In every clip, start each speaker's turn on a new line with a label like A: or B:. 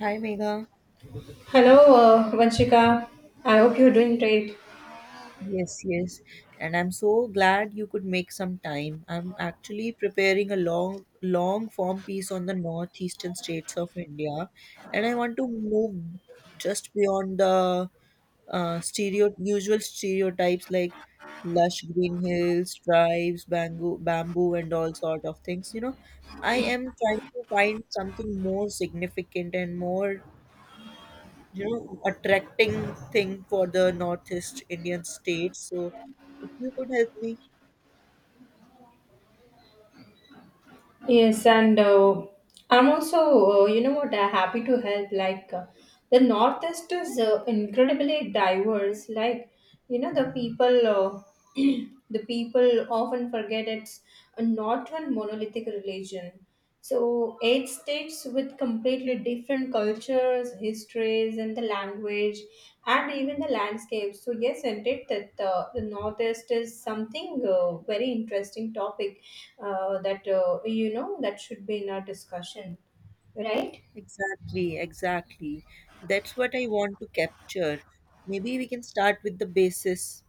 A: Hi, Megha.
B: Hello, Vanshika. I hope you're doing great.
A: Yes, yes. And I'm so glad you could make some time. I'm actually preparing a long, long form piece on the northeastern states of India, and I want to move just beyond the stereo usual stereotypes like lush green hills, tribes, bamboo, and all sort of things. You know, I am trying to find something more significant and more you know, attracting thing for the Northeast Indian states. So if you could help me.
B: Yes, and I'm also, happy to help. Like, the Northeast is incredibly diverse. Like, you know, the people often forget it's a not one monolithic religion. So, eight states with completely different cultures, histories, and the language, and even the landscapes. So, yes, indeed, that the Northeast is something very interesting topic that you know that should be in our discussion, right?
A: Exactly, exactly. That's what I want to capture. Maybe we can start with the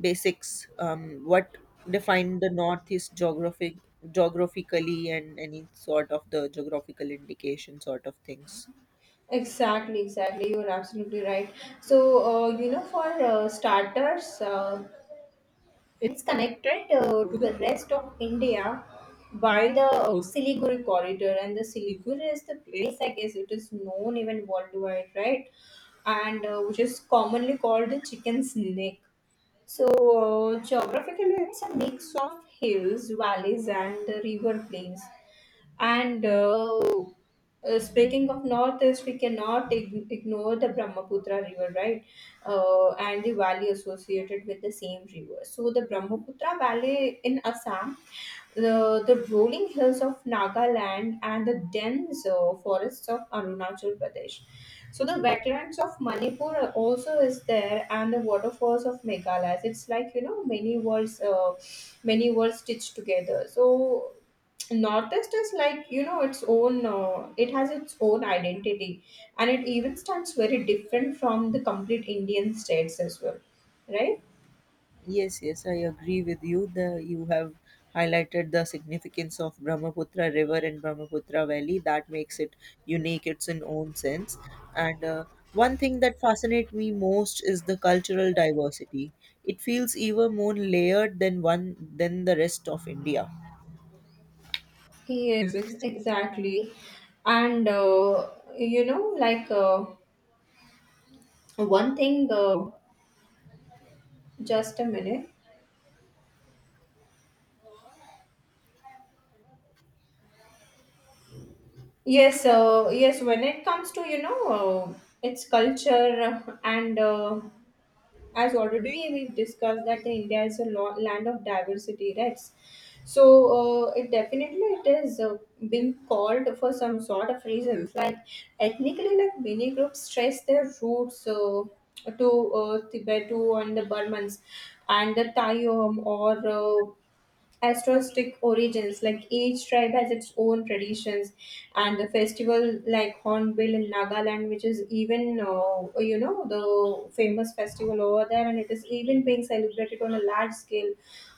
A: basics, what define the Northeast geographically and any sort of the geographical indication sort of things.
B: Exactly, exactly, you're absolutely right. So you know, for starters, it's connected to the rest of India by the Siliguri corridor, and the Siliguri is the place, I guess, it is known even worldwide, right? And which is commonly called the chicken's neck. So, geographically, it's a mix of hills, valleys, and river plains. And speaking of northeast, we cannot ignore the Brahmaputra River, right? And the valley associated with the same river. So, the Brahmaputra Valley in Assam, the rolling hills of Nagaland, and the dense forests of Arunachal Pradesh. So the wetlands of Manipur also is there, and the waterfalls of Meghalaya. It's like you know many worlds, many worlds stitched together. So northeast is like you know its own. It has its own identity, and it even stands very different from the complete Indian states as well, right?
A: Yes, yes, I agree with you. The You have highlighted the significance of Brahmaputra River and Brahmaputra Valley. That makes it unique. It's in own sense. And one thing that fascinates me most is the cultural diversity. It feels even more layered than one than the rest of India.
B: Yes, exactly. And you know, one thing. Just a minute. Yes, yes. When it comes to you know its culture and as already we've discussed that the India is a land of diversity, right? So it definitely it is been called for some sort of reasons. Like ethnically, like many groups stress their roots to Tibetu and the Burmans and the Tayom or Astrostic origins, like each tribe has its own traditions, and the festival like Hornbill in Nagaland, which is even you know the famous festival over there, and it is even being celebrated on a large scale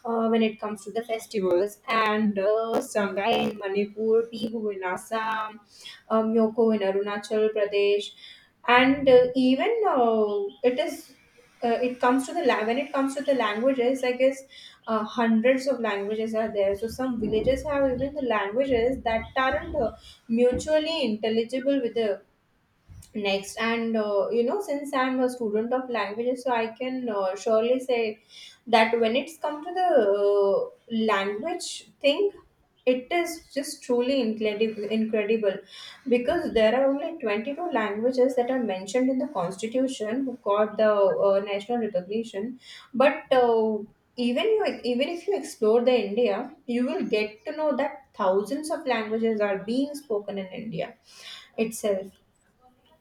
B: when it comes to the festivals. And Sangai in Manipur, Bihu in Assam, Yoko in Arunachal Pradesh, and even it is it comes to the la- when it comes to the languages, I guess hundreds of languages are there. So some villages have even the languages that aren't mutually intelligible with the next. And you know, since I'm a student of languages, so I can surely say that when it's come to the language thing, it is just truly incredible because there are only 22 languages that are mentioned in the constitution who got the national recognition. But even you even if you explore the India, you will get to know that thousands of languages are being spoken in India itself,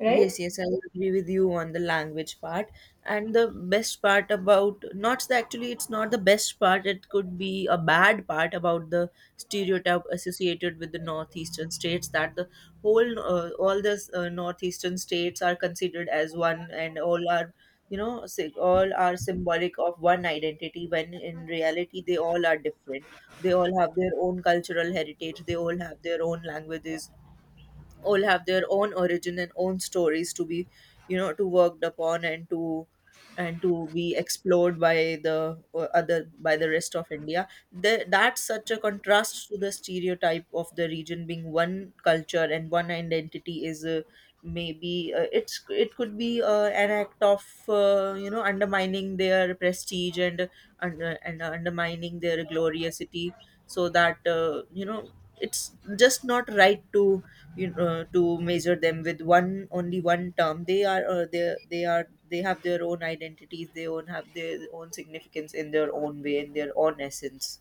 B: right?
A: Yes, yes, I agree with you on the language part. And the best part about not the- actually, it's not the best part, it could be a bad part about the stereotype associated with the northeastern states, that the whole, all the northeastern states are considered as one, and all are, you know, all are symbolic of one identity when in reality they all are different. They all have their own cultural heritage, they all have their own languages, all have their own origin and own stories to be you know to worked upon, and to be explored by the other by the rest of India. That's such a contrast to the stereotype of the region being one culture and one identity. Is maybe it's It could be an act of you know undermining their prestige and and undermining their gloriosity, so that you know, it's just not right to you know, to measure them with one only one term. They are they are They have their own identities, they own have their own significance in their own way, in their own essence.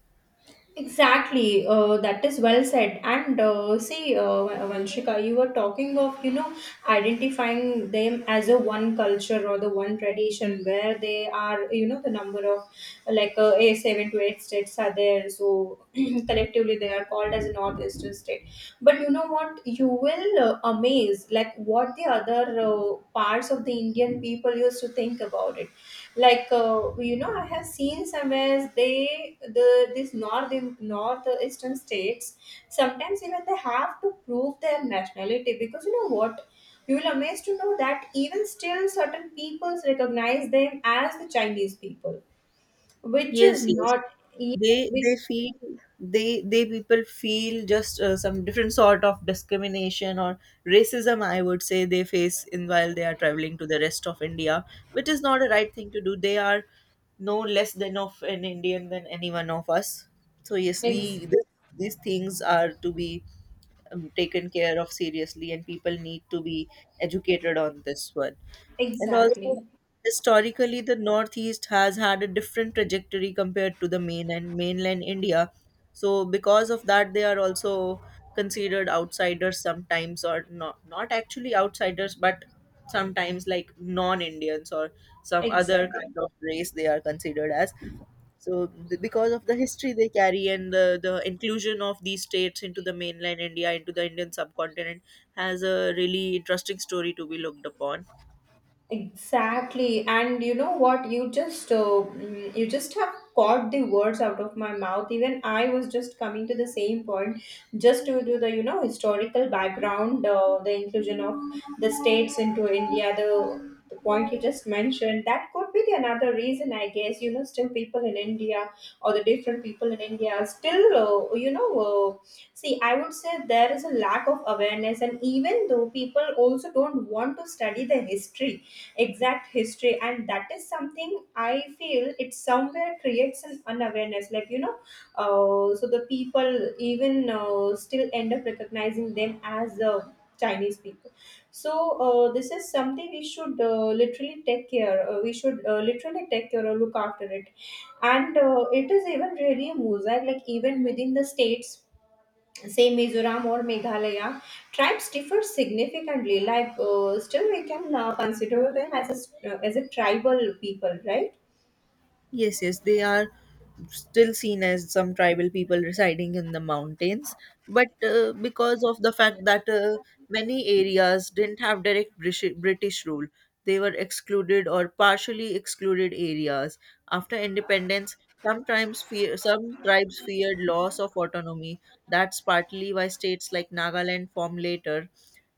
B: Exactly, that is well said. And see, Vanshika, you were talking of you know identifying them as a one culture or the one tradition where they are. You know the number of a seven to eight states are there, so collectively they are called as northeastern states, but you know what, you will amaze like what the other parts of the Indian people used to think about it. Like you know, I have seen somewhere they the these north northeastern states sometimes even they have to prove their nationality, because you know what, you will amazed to know that even still certain peoples recognize them as the Chinese people, which is
A: Yes, yes.
B: not. E,
A: they they
B: which
A: feel they people feel just some different sort of discrimination or racism, I would say, they face in while they are traveling to the rest of India, which is not a right thing to do. They are no less than of an Indian than any one of us. So yes,
B: ex-
A: these things are to be taken care of seriously, and people need to be educated on this one. And also,
B: exactly,
A: historically, the Northeast has had a different trajectory compared to the mainland India. So because of that, they are also considered outsiders sometimes, or not actually outsiders, but sometimes like non-Indians or some other
B: exactly.
A: kind of race they are considered as. So, because of the history they carry and the inclusion of these states into the mainland India, into the Indian subcontinent, has a really interesting story to be looked upon.
B: Exactly, and you know what? You just you just have caught the words out of my mouth. Even I was just coming to the same point, just to do the you know historical background, the inclusion of the states into India. The point you just mentioned that could be the another reason, I guess. You know, still people in India or the different people in India still you know. Uh, See, I would say there is a lack of awareness, and even though people also don't want to study the history, exact history, and that is something I feel it somewhere creates an unawareness, like you know so the people even still end up recognizing them as the Chinese people. So this is something we should literally take care, we should literally take care or look after it. And it is even really a mosaic like even within the states, say Mizoram or Meghalaya, tribes differ significantly. Still, we can consider them as as a tribal people, right?
A: Yes, yes, they are still seen as some tribal people residing in the mountains, but because of the fact that many areas didn't have direct British rule. They were excluded or partially excluded areas. After independence, some tribes feared loss of autonomy. That's partly why states like Nagaland formed later.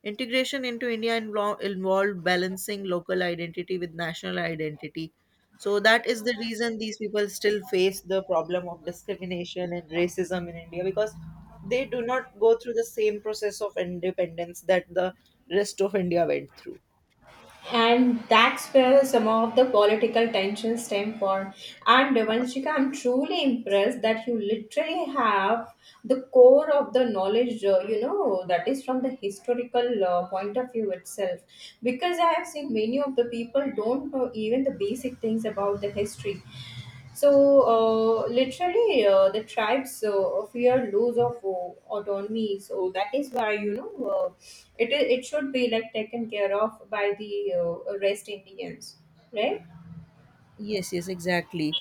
A: Integration into India involved balancing local identity with national identity. So that is the reason these people still face the problem of discrimination and racism in India, because they do not go through the same process of independence that the rest of India went through.
B: And that's where some of the political tensions stem from. And Devanshika, I'm truly impressed that you literally have the core of the knowledge, you know, that is from the historical point of view itself. Because I have seen many of the people don't know even the basic things about the history. So, literally, the tribes fear loss of autonomy. So that is why you know it it should be like taken care of by the rest Indians, right?
A: Yes, yes, exactly.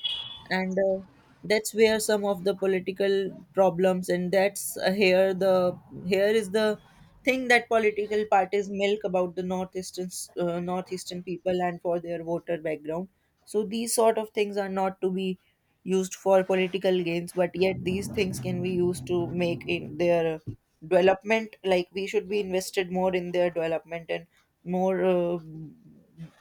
A: And that's where some of the political problems, and that's here is the thing, that political parties milk about the northeastern people and for their voter background. So these sort of things are not to be used for political gains, but yet these things can be used to make in their development. Like, we should be invested more in their development and more. Uh,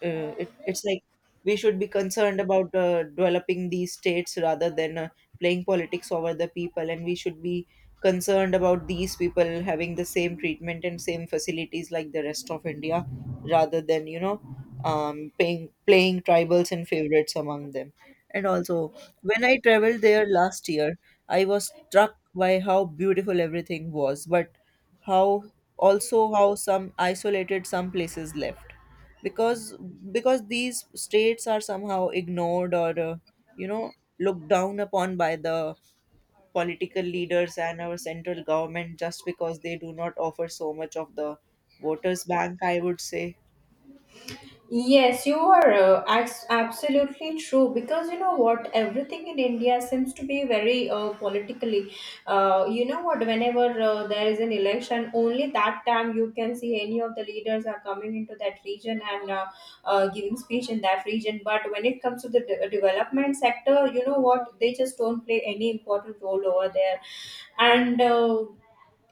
A: uh, It, it's like we should be concerned about developing these states rather than playing politics over the people, and we should be concerned about these people having the same treatment and same facilities like the rest of India, rather than you know playing tribals and favorites among them. And also, when I traveled there last year, I was struck by how beautiful everything was, but how also how some isolated some places left, because because these states are somehow ignored, or you know, looked down upon by the political leaders and our central government, just because they do not offer so much of the voters bank, I would say.
B: Yes, you are absolutely true, because you know what, everything in India seems to be very politically. You know what, whenever there is an election, only that time you can see any of the leaders are coming into that region. And giving speech in that region. But when it comes to the development sector, you know what, they just don't play any important role over there. And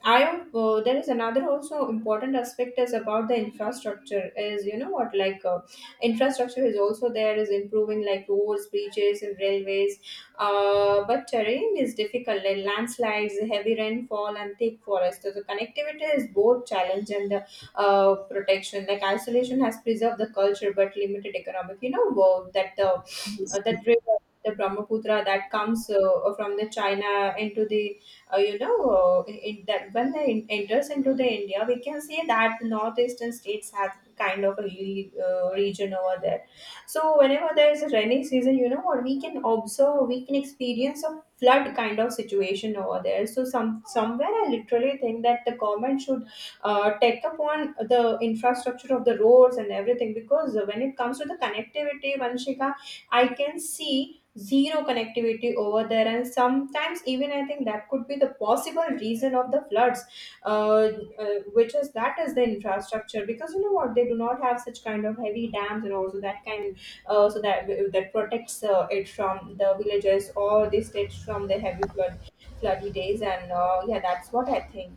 B: I there is another also important aspect is about the infrastructure, is you know what, infrastructure is also there is improving, like roads, bridges, and railways. But terrain is difficult, like landslides, heavy rainfall, and thick forest. So the connectivity is both challenge and the protection, like isolation has preserved the culture but limited economic, you know,
A: Yes.
B: that river, the Brahmaputra, that comes from the China into the in that when it enters into the India, we can say that the northeastern states have kind of a region over there. So whenever there is a rainy season, you know what we can observe, we can experience a flood kind of situation over there. So some somewhere I literally think that the government should take upon the infrastructure of the roads and everything. Because when it comes to the connectivity, Vanshika, I can see zero connectivity over there, and sometimes even I think that could be the possible reason of the floods. Uh, which is that is the infrastructure, because you know what, they do not have such kind of heavy dams and also that can uh, so that that protects it from the villages or the states from the heavy flood floody days. And yeah, that's what I think.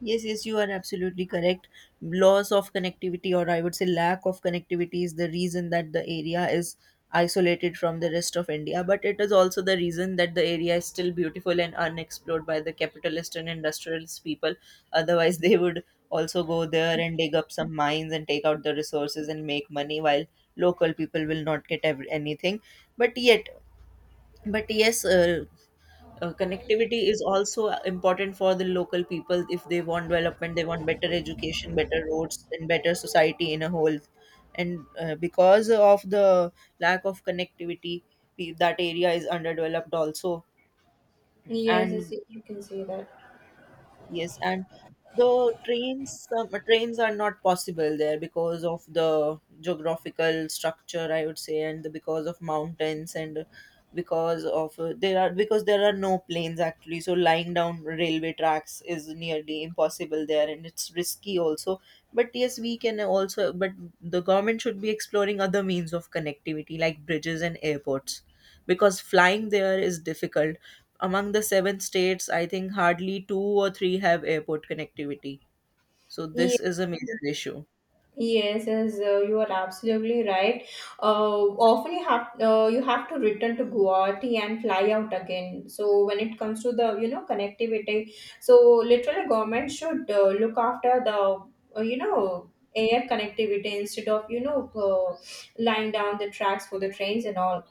A: Yes, yes, you are absolutely correct. Loss of connectivity, or I would say lack of connectivity, is the reason that the area is isolated from the rest of India. But it is also the reason that the area is still beautiful and unexplored by the capitalist and industrialist people. Otherwise, they would also go there and dig up some mines and take out the resources and make money, while local people will not get anything. But yet, but yes, connectivity is also important for the local people. If they want development, they want better education, better roads, and better society in a whole. And because of the lack of connectivity, that area is underdeveloped also.
B: Yes,
A: And
B: yes, you can say that.
A: yes, and the trains, trains are not possible there because of the geographical structure, I would say, and because of mountains, and because of there are because there are no planes actually. So lying down railway tracks is nearly impossible there, and it's risky also. But yes, we can also. But the government should be exploring other means of connectivity like bridges and airports, because flying there is difficult. Among the seven states, I think hardly two or three have airport connectivity. So this
B: Yes.
A: is a major issue.
B: Yes, yes, you are absolutely right. Often you have to return to Guwahati and fly out again. So when it comes to the you know connectivity, so literally government should look after the you know air connectivity, instead of you know lying down the tracks for the trains and all.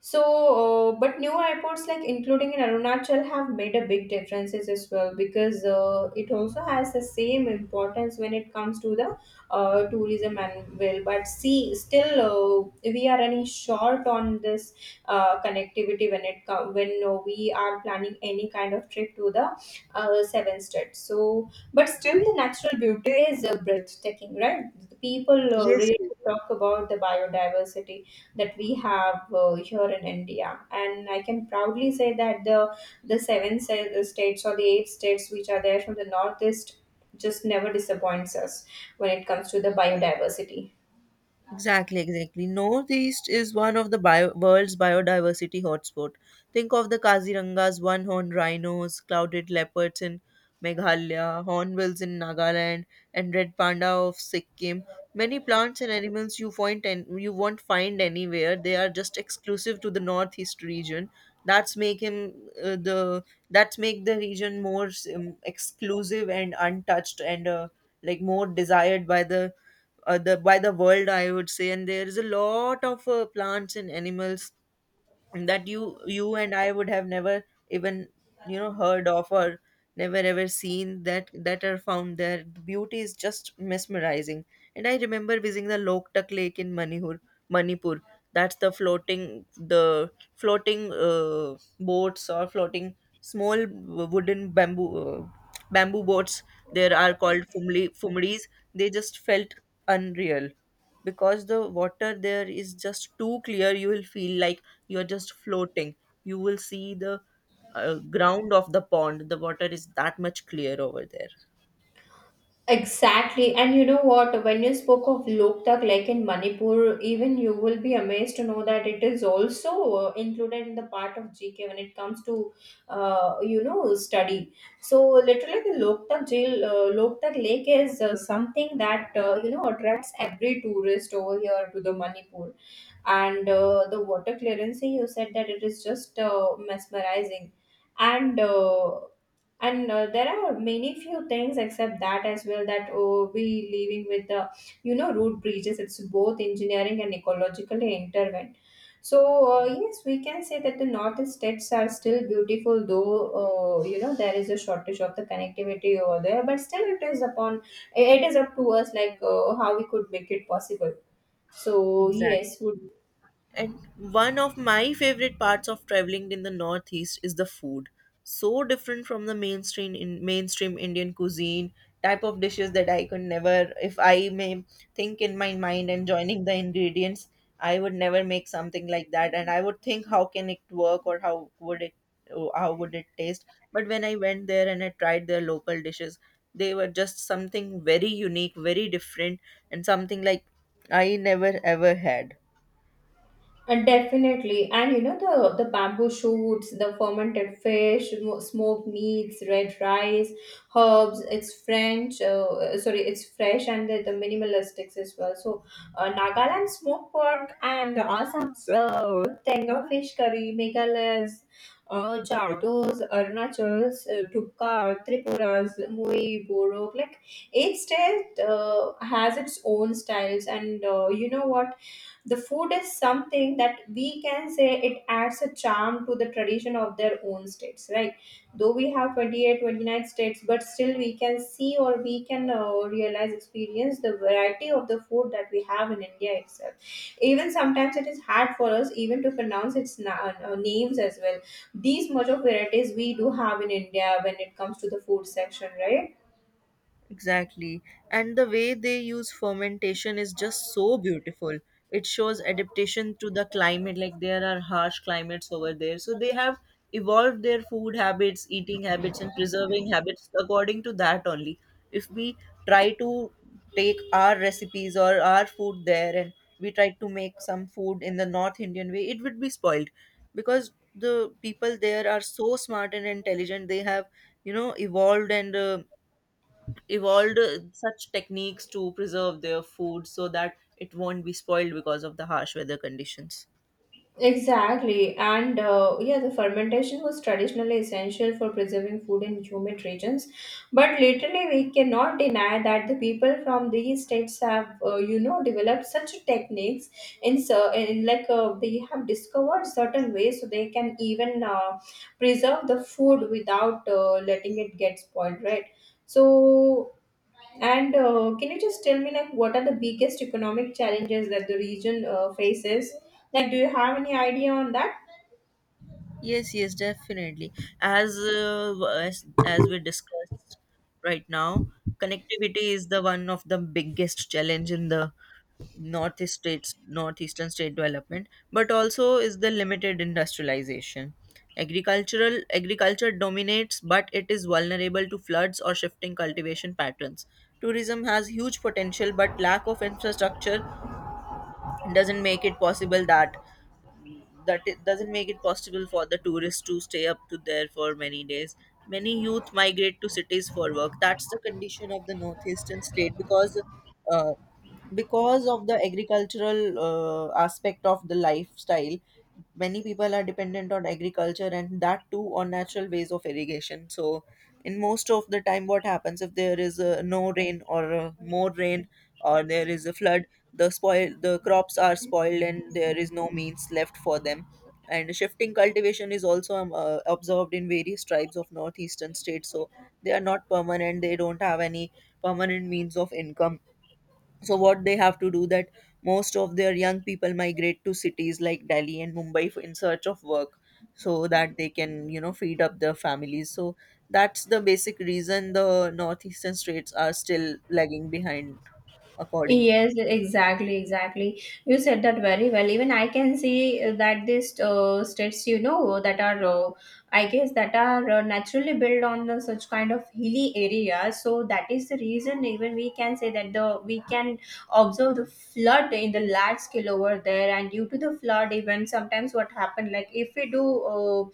B: So, but new airports like including in Arunachal have made a big differences as well, because it also has the same importance when it comes to the tourism and will. But see, still we are running short on this connectivity when it come when we are planning any kind of trip to the seven states. So, but still the natural beauty is breathtaking, right? The people
A: Yes.
B: really talk about the biodiversity that we have here in India. And I can proudly say that the states or the eight states which are there from the northeast just never disappoints us when it comes to the biodiversity.
A: Exactly, exactly. Northeast is one of the world's biodiversity hotspot. Think of the Kaziranga's one-horned rhinos, clouded leopards in Meghalaya, hornbills in Nagaland, and red panda of Sikkim. Many plants and animals you find, and you won't find anywhere. They are just exclusive to the Northeast region. That's make him uh, the that's make the region more exclusive and untouched, and like more desired by the by the world, I would say. And there is a lot of plants and animals that you and I would have never even you know heard of, or never ever seen, that are found there. The beauty is just mesmerizing. And I remember visiting the Loktak Lake in Manipur. Manipur. That's the floating boats, or floating small wooden bamboo boats. There are called fumli fumris. They just felt unreal, because the water there is just too clear. You will feel like you're just floating. You will see the ground of the pond. The water is that much clear over there.
B: Exactly. And you know what? When you spoke of Loktak Lake in Manipur, even you will be amazed to know that it is also included in the part of GK when it comes to, you know, study. So literally the Loktak jail, Loktak Lake is something that, you know, attracts every tourist over here to the Manipur. And the water clearancing you said that it is just mesmerizing. And there are many few things except that as well, that oh, we living with the you know root breaches. It's both engineering and ecologically intervened. So yes, we can say that the northeast states are still beautiful, though there is a shortage of the connectivity over there, but still it is upon it is up to us like how we could make it possible. So
A: Exactly.
B: yes, would.
A: And one of my favorite parts of traveling in the Northeast is the food. So different from the mainstream Indian cuisine, type of dishes that I could never, if I may, think in my mind and joining the ingredients, I would never make something like that. And I would think, how can it work, or how would it, oh, how would it taste? But when I went there and I tried their local dishes, they were just something very unique, very different, and something like I never ever had.
B: Definitely, and you know the bamboo shoots, the fermented fish, smoked meats, red rice, herbs. It's French, it's fresh, and the minimalistics as well. So, Nagaland smoked pork and Assam's tenga fish curry, Meghalaya's Jardos, Arunachal's Dupka, Tripura's Mui, Borok. Like each state has its own styles, and you know what? The food is something that we can say it adds a charm to the tradition of their own states, right? Though we have 28, 29 states, but still we can see or we can realize, experience the variety of the food that we have in India itself. Even sometimes it is hard for us even to pronounce its names as well. These much of varieties we do have in India when it comes to the food section, right?
A: Exactly. And the way they use fermentation is just so beautiful. It shows adaptation to the climate. Like, there are harsh climates over there, so they have evolved their food habits, eating habits, and preserving habits according to that only. If we try to take our recipes or our food there, and we try to make some food in the North Indian way, it would be spoiled, because the people there are so smart and intelligent. They have, evolved and evolved such techniques to preserve their food so that it won't be spoiled because of the harsh weather conditions.
B: Exactly, and yeah, the fermentation was traditionally essential for preserving food in humid regions. But latterly, we cannot deny that the people from these states have, developed such techniques in so in like they have discovered certain ways so they can even preserve the food without letting it get spoiled, right? So and can you just tell me like what are the biggest economic challenges that the region faces? Like, do you have any idea on that?
A: Yes, yes, definitely. As we discussed right now, connectivity is the one of the biggest challenge in the northeastern state development, but also is the limited industrialization. Agricultural agriculture dominates, but it is vulnerable to floods or shifting cultivation patterns. Tourism has huge potential, but lack of infrastructure doesn't make it possible that it doesn't make it possible for the tourists to stay up to there for many days. Many youth migrate to cities for work. That's the condition of the northeastern state, uh, because of the agricultural aspect of the lifestyle, many people are dependent on agriculture, and that too on natural ways of irrigation. So in most of the time, what happens if there is no rain or more rain, or there is a flood, the spoil the crops are spoiled and there is no means left for them. And shifting cultivation is also observed in various tribes of northeastern states. So they are not permanent, they don't have any permanent means of income. So what they have to do that most of their young people migrate to cities like Delhi and Mumbai in search of work, so that they can, you know, feed up their families. So that's the basic reason the northeastern states are still lagging behind, according.
B: Yes, exactly, exactly. You said that very well. Even I can see that these states, you know, that are, I guess, that are naturally built on the such kind of hilly areas. So that is the reason even we can say that the we can observe the flood in the large scale over there. And due to the flood, even sometimes what happened, like if we do uh,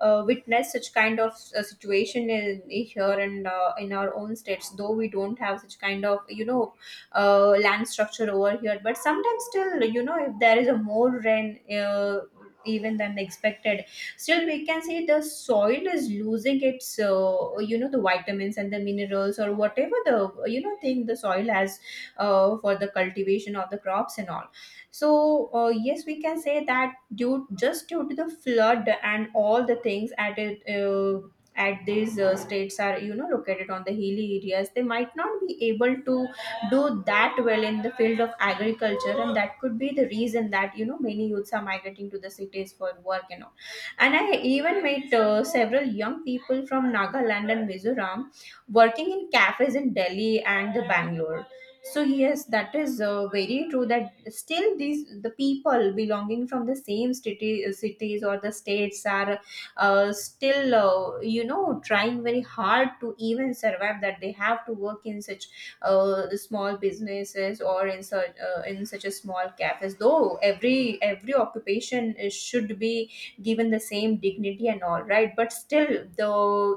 B: uh, witness such kind of situation in, here and in our own states, though we don't have such kind of, you know, land structure over here, but sometimes still, you know, if there is a more rain even than expected, still we can see the soil is losing its the vitamins and the minerals or whatever the, you know, thing the soil has for the cultivation of the crops and all. So yes, we can say that due just due to the flood and all the things at these states are, you know, located on the hilly areas, they might not be able to do that well in the field of agriculture, and that could be the reason that, you know, many youths are migrating to the cities for work and all. And I even met several young people from Nagaland and Mizoram working in cafes in Delhi and the Bangalore. So yes, that is very true that still the people belonging from the same cities or the states are still trying very hard to even survive that they have to work in such the small businesses or in such a small cafes, though every occupation is, should be given the same dignity and all, right? But still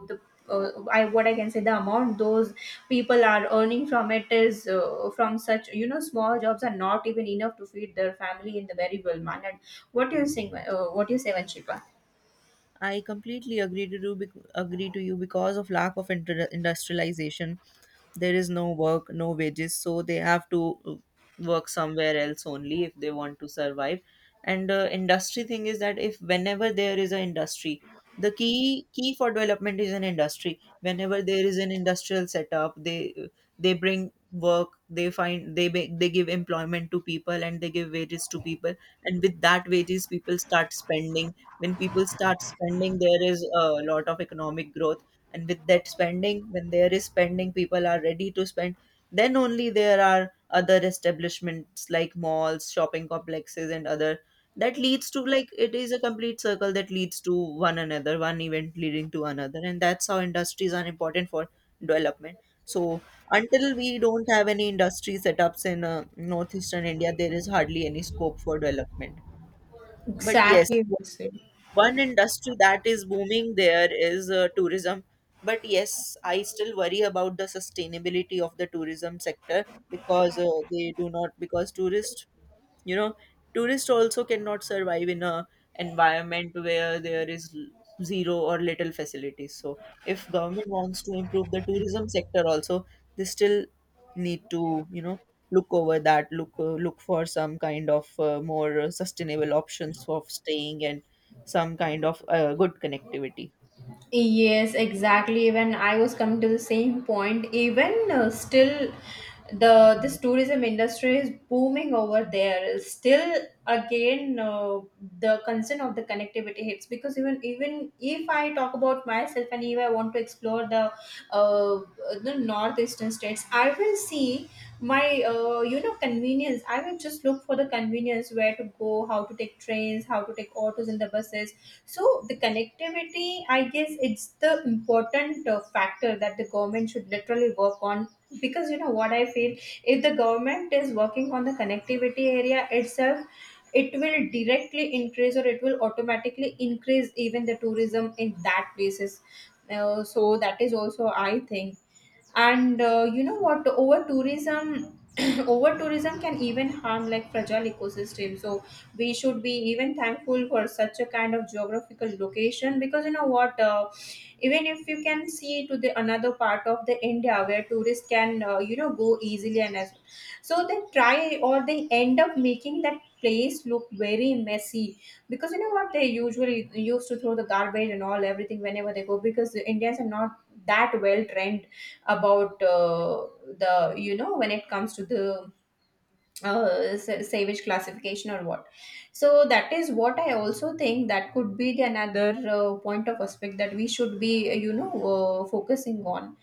B: the I, what I can say, the amount those people are earning from it is from such, you know, small jobs are not even enough to feed their family in the very well manner. What do you think? What do you say, Vanshika?
A: I completely agree agree to you because of lack of industrialization. There is no work, no wages, so they have to work somewhere else only if they want to survive. And industry thing is that if whenever there is an industry, the key for development is an industry. Whenever there is an industrial setup, they bring work, they find they ba- they give employment to people and they give wages to people, and with that wages, people start spending. When people start spending, there is a lot of economic growth. And with that spending, when there is spending, people are ready to spend, then only there are other establishments like malls, shopping complexes, and other. That leads to, like, it is a complete circle that leads to one event leading to another. And that's how industries are important for development. So until we don't have any industry setups in northeastern India, there is hardly any scope for development. But yes,
B: Exactly, the same.
A: one industry that is booming there is tourism. But yes, I still worry about the sustainability of the tourism sector, because they do not, because tourists, you know, tourists also cannot survive in a environment where there is zero or little facilities. So if government wants to improve the tourism sector also, they still need to, you know, look over that, look for some kind of more sustainable options of staying and some kind of good connectivity.
B: Yes, exactly. Even I was coming to the same point. Even still, the this tourism industry is booming over there. Still, again, the concern of the connectivity hits because even if I talk about myself and if I want to explore uh, the northeastern states, I will see my convenience. I will just look for the convenience where to go, how to take trains, how to take autos and the buses. So the connectivity, I guess, it's the important factor that the government should literally work on. Because you know what I feel, if the government is working on the connectivity area itself, it will directly increase or it will automatically increase even the tourism in that places. So that is also I think. And you know what? Over tourism can even harm like fragile ecosystem. So we should be even thankful for such a kind of geographical location because you know what, even if you can see to the another part of the India where tourists can, you know, go easily and as well. So they try or they end up making that place look very messy because you know what, they usually used to throw the garbage and all everything whenever they go, because the Indians are not that well trained about the, you know, when it comes to the savage classification or what. So that is what I also think that could be the another point of aspect that we should be, focusing on.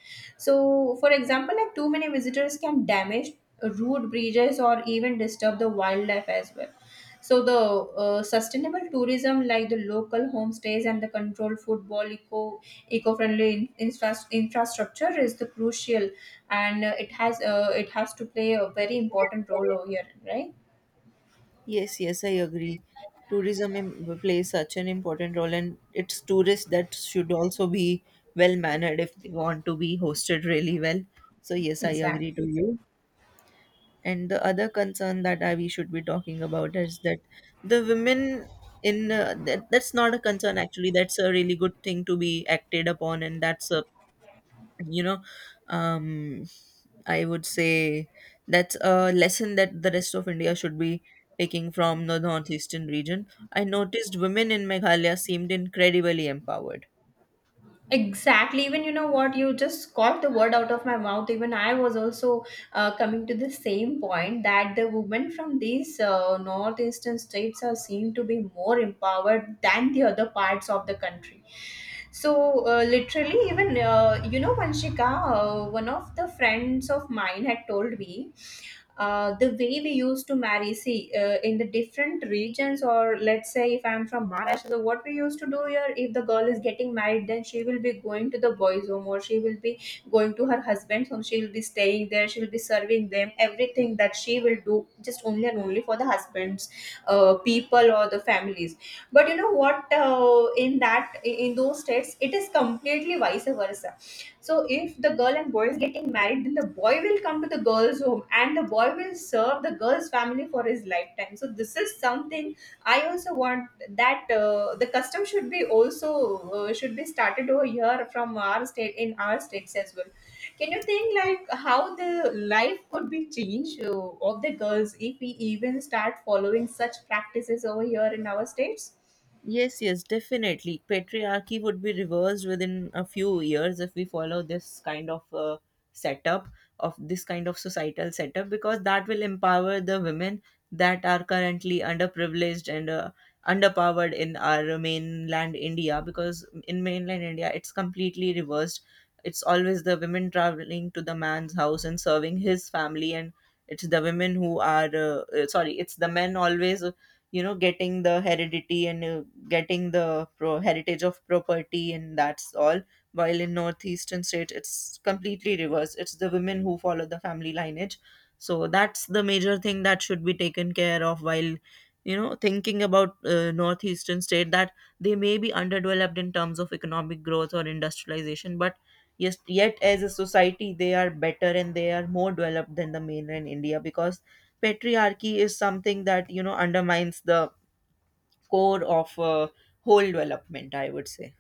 B: So for example, like too many visitors can damage root bridges or even disturb the wildlife as well. So the sustainable tourism like the local homestays and the controlled football, eco infrastructure is the crucial, and it has to play a very important role over here, right?
A: Yes, yes, I agree. Tourism plays such an important role, and it's tourists that should also be well mannered if they want to be hosted really well. So, yes, I agree
B: Exactly,
A: to you. And the other concern that we should be talking about is that the women in that, that's not a concern actually. That's a really good thing to be acted upon, and that's a, you know um I would say, that's a lesson that the rest of India should be taking from the northeastern region. I noticed women in Meghalaya seemed incredibly empowered.
B: exactly. Even you know what, you just caught the word out of my mouth. Even I was also coming to the same point that the women from these northeastern states are seen to be more empowered than the other parts of the country. So literally, even Vanshika, one of the friends of mine had told me the way we used to marry, see, in the different regions, or let's say if I'm from Maharashtra, so what we used to do here, if the girl is getting married, then she will be going to the boy's home, or she will be going to her husband's home, she will be staying there, she will be serving them, everything that she will do just only and only for the husband's people or the families. But you know what, in those states, it is completely vice versa. So if the girl and boy is getting married, then the boy will come to the girl's home and the boy will serve the girl's family for his lifetime. So this is something I also want, that the custom should be started over here from our state, in our states as well. Can you think like how the life could be changed of the girls if we even start following such practices over here in our states?
A: Yes, yes, definitely. Patriarchy would be reversed within a few years if we follow this kind of setup, this kind of societal setup, because that will empower the women that are currently underprivileged and underpowered in our mainland India. Because in mainland India, it's completely reversed. It's always the women traveling to the man's house and serving his family, and it's the women who are sorry, it's the men always, you know, getting the heredity and heritage of property, and that's all. While in northeastern state it's completely reverse, it's the women who follow the family lineage. So that's the major thing that should be taken care of while, you know, thinking about northeastern state, that they may be underdeveloped in terms of economic growth or industrialization, but yes, yet as a society, they are better and they are more developed than the mainland India, because patriarchy is something that, you know, undermines the core of whole development, I would say.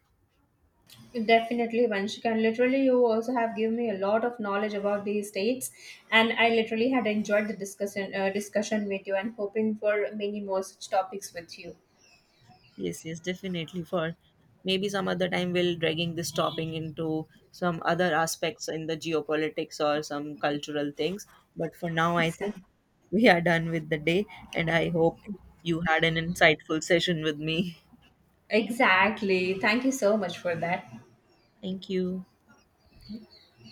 B: Definitely, Vanshika. And literally, you also have given me a lot of knowledge about these states, and I literally had enjoyed the discussion with you, and hoping for many more such topics with you.
A: Yes, yes, definitely. For maybe some other time, we'll dragging this topping into some other aspects in the geopolitics or some cultural things. But for now, I think
B: Exactly.
A: we are done with the day, and I hope you had an insightful session with me.
B: Exactly. Thank you so much for that.
A: Thank you.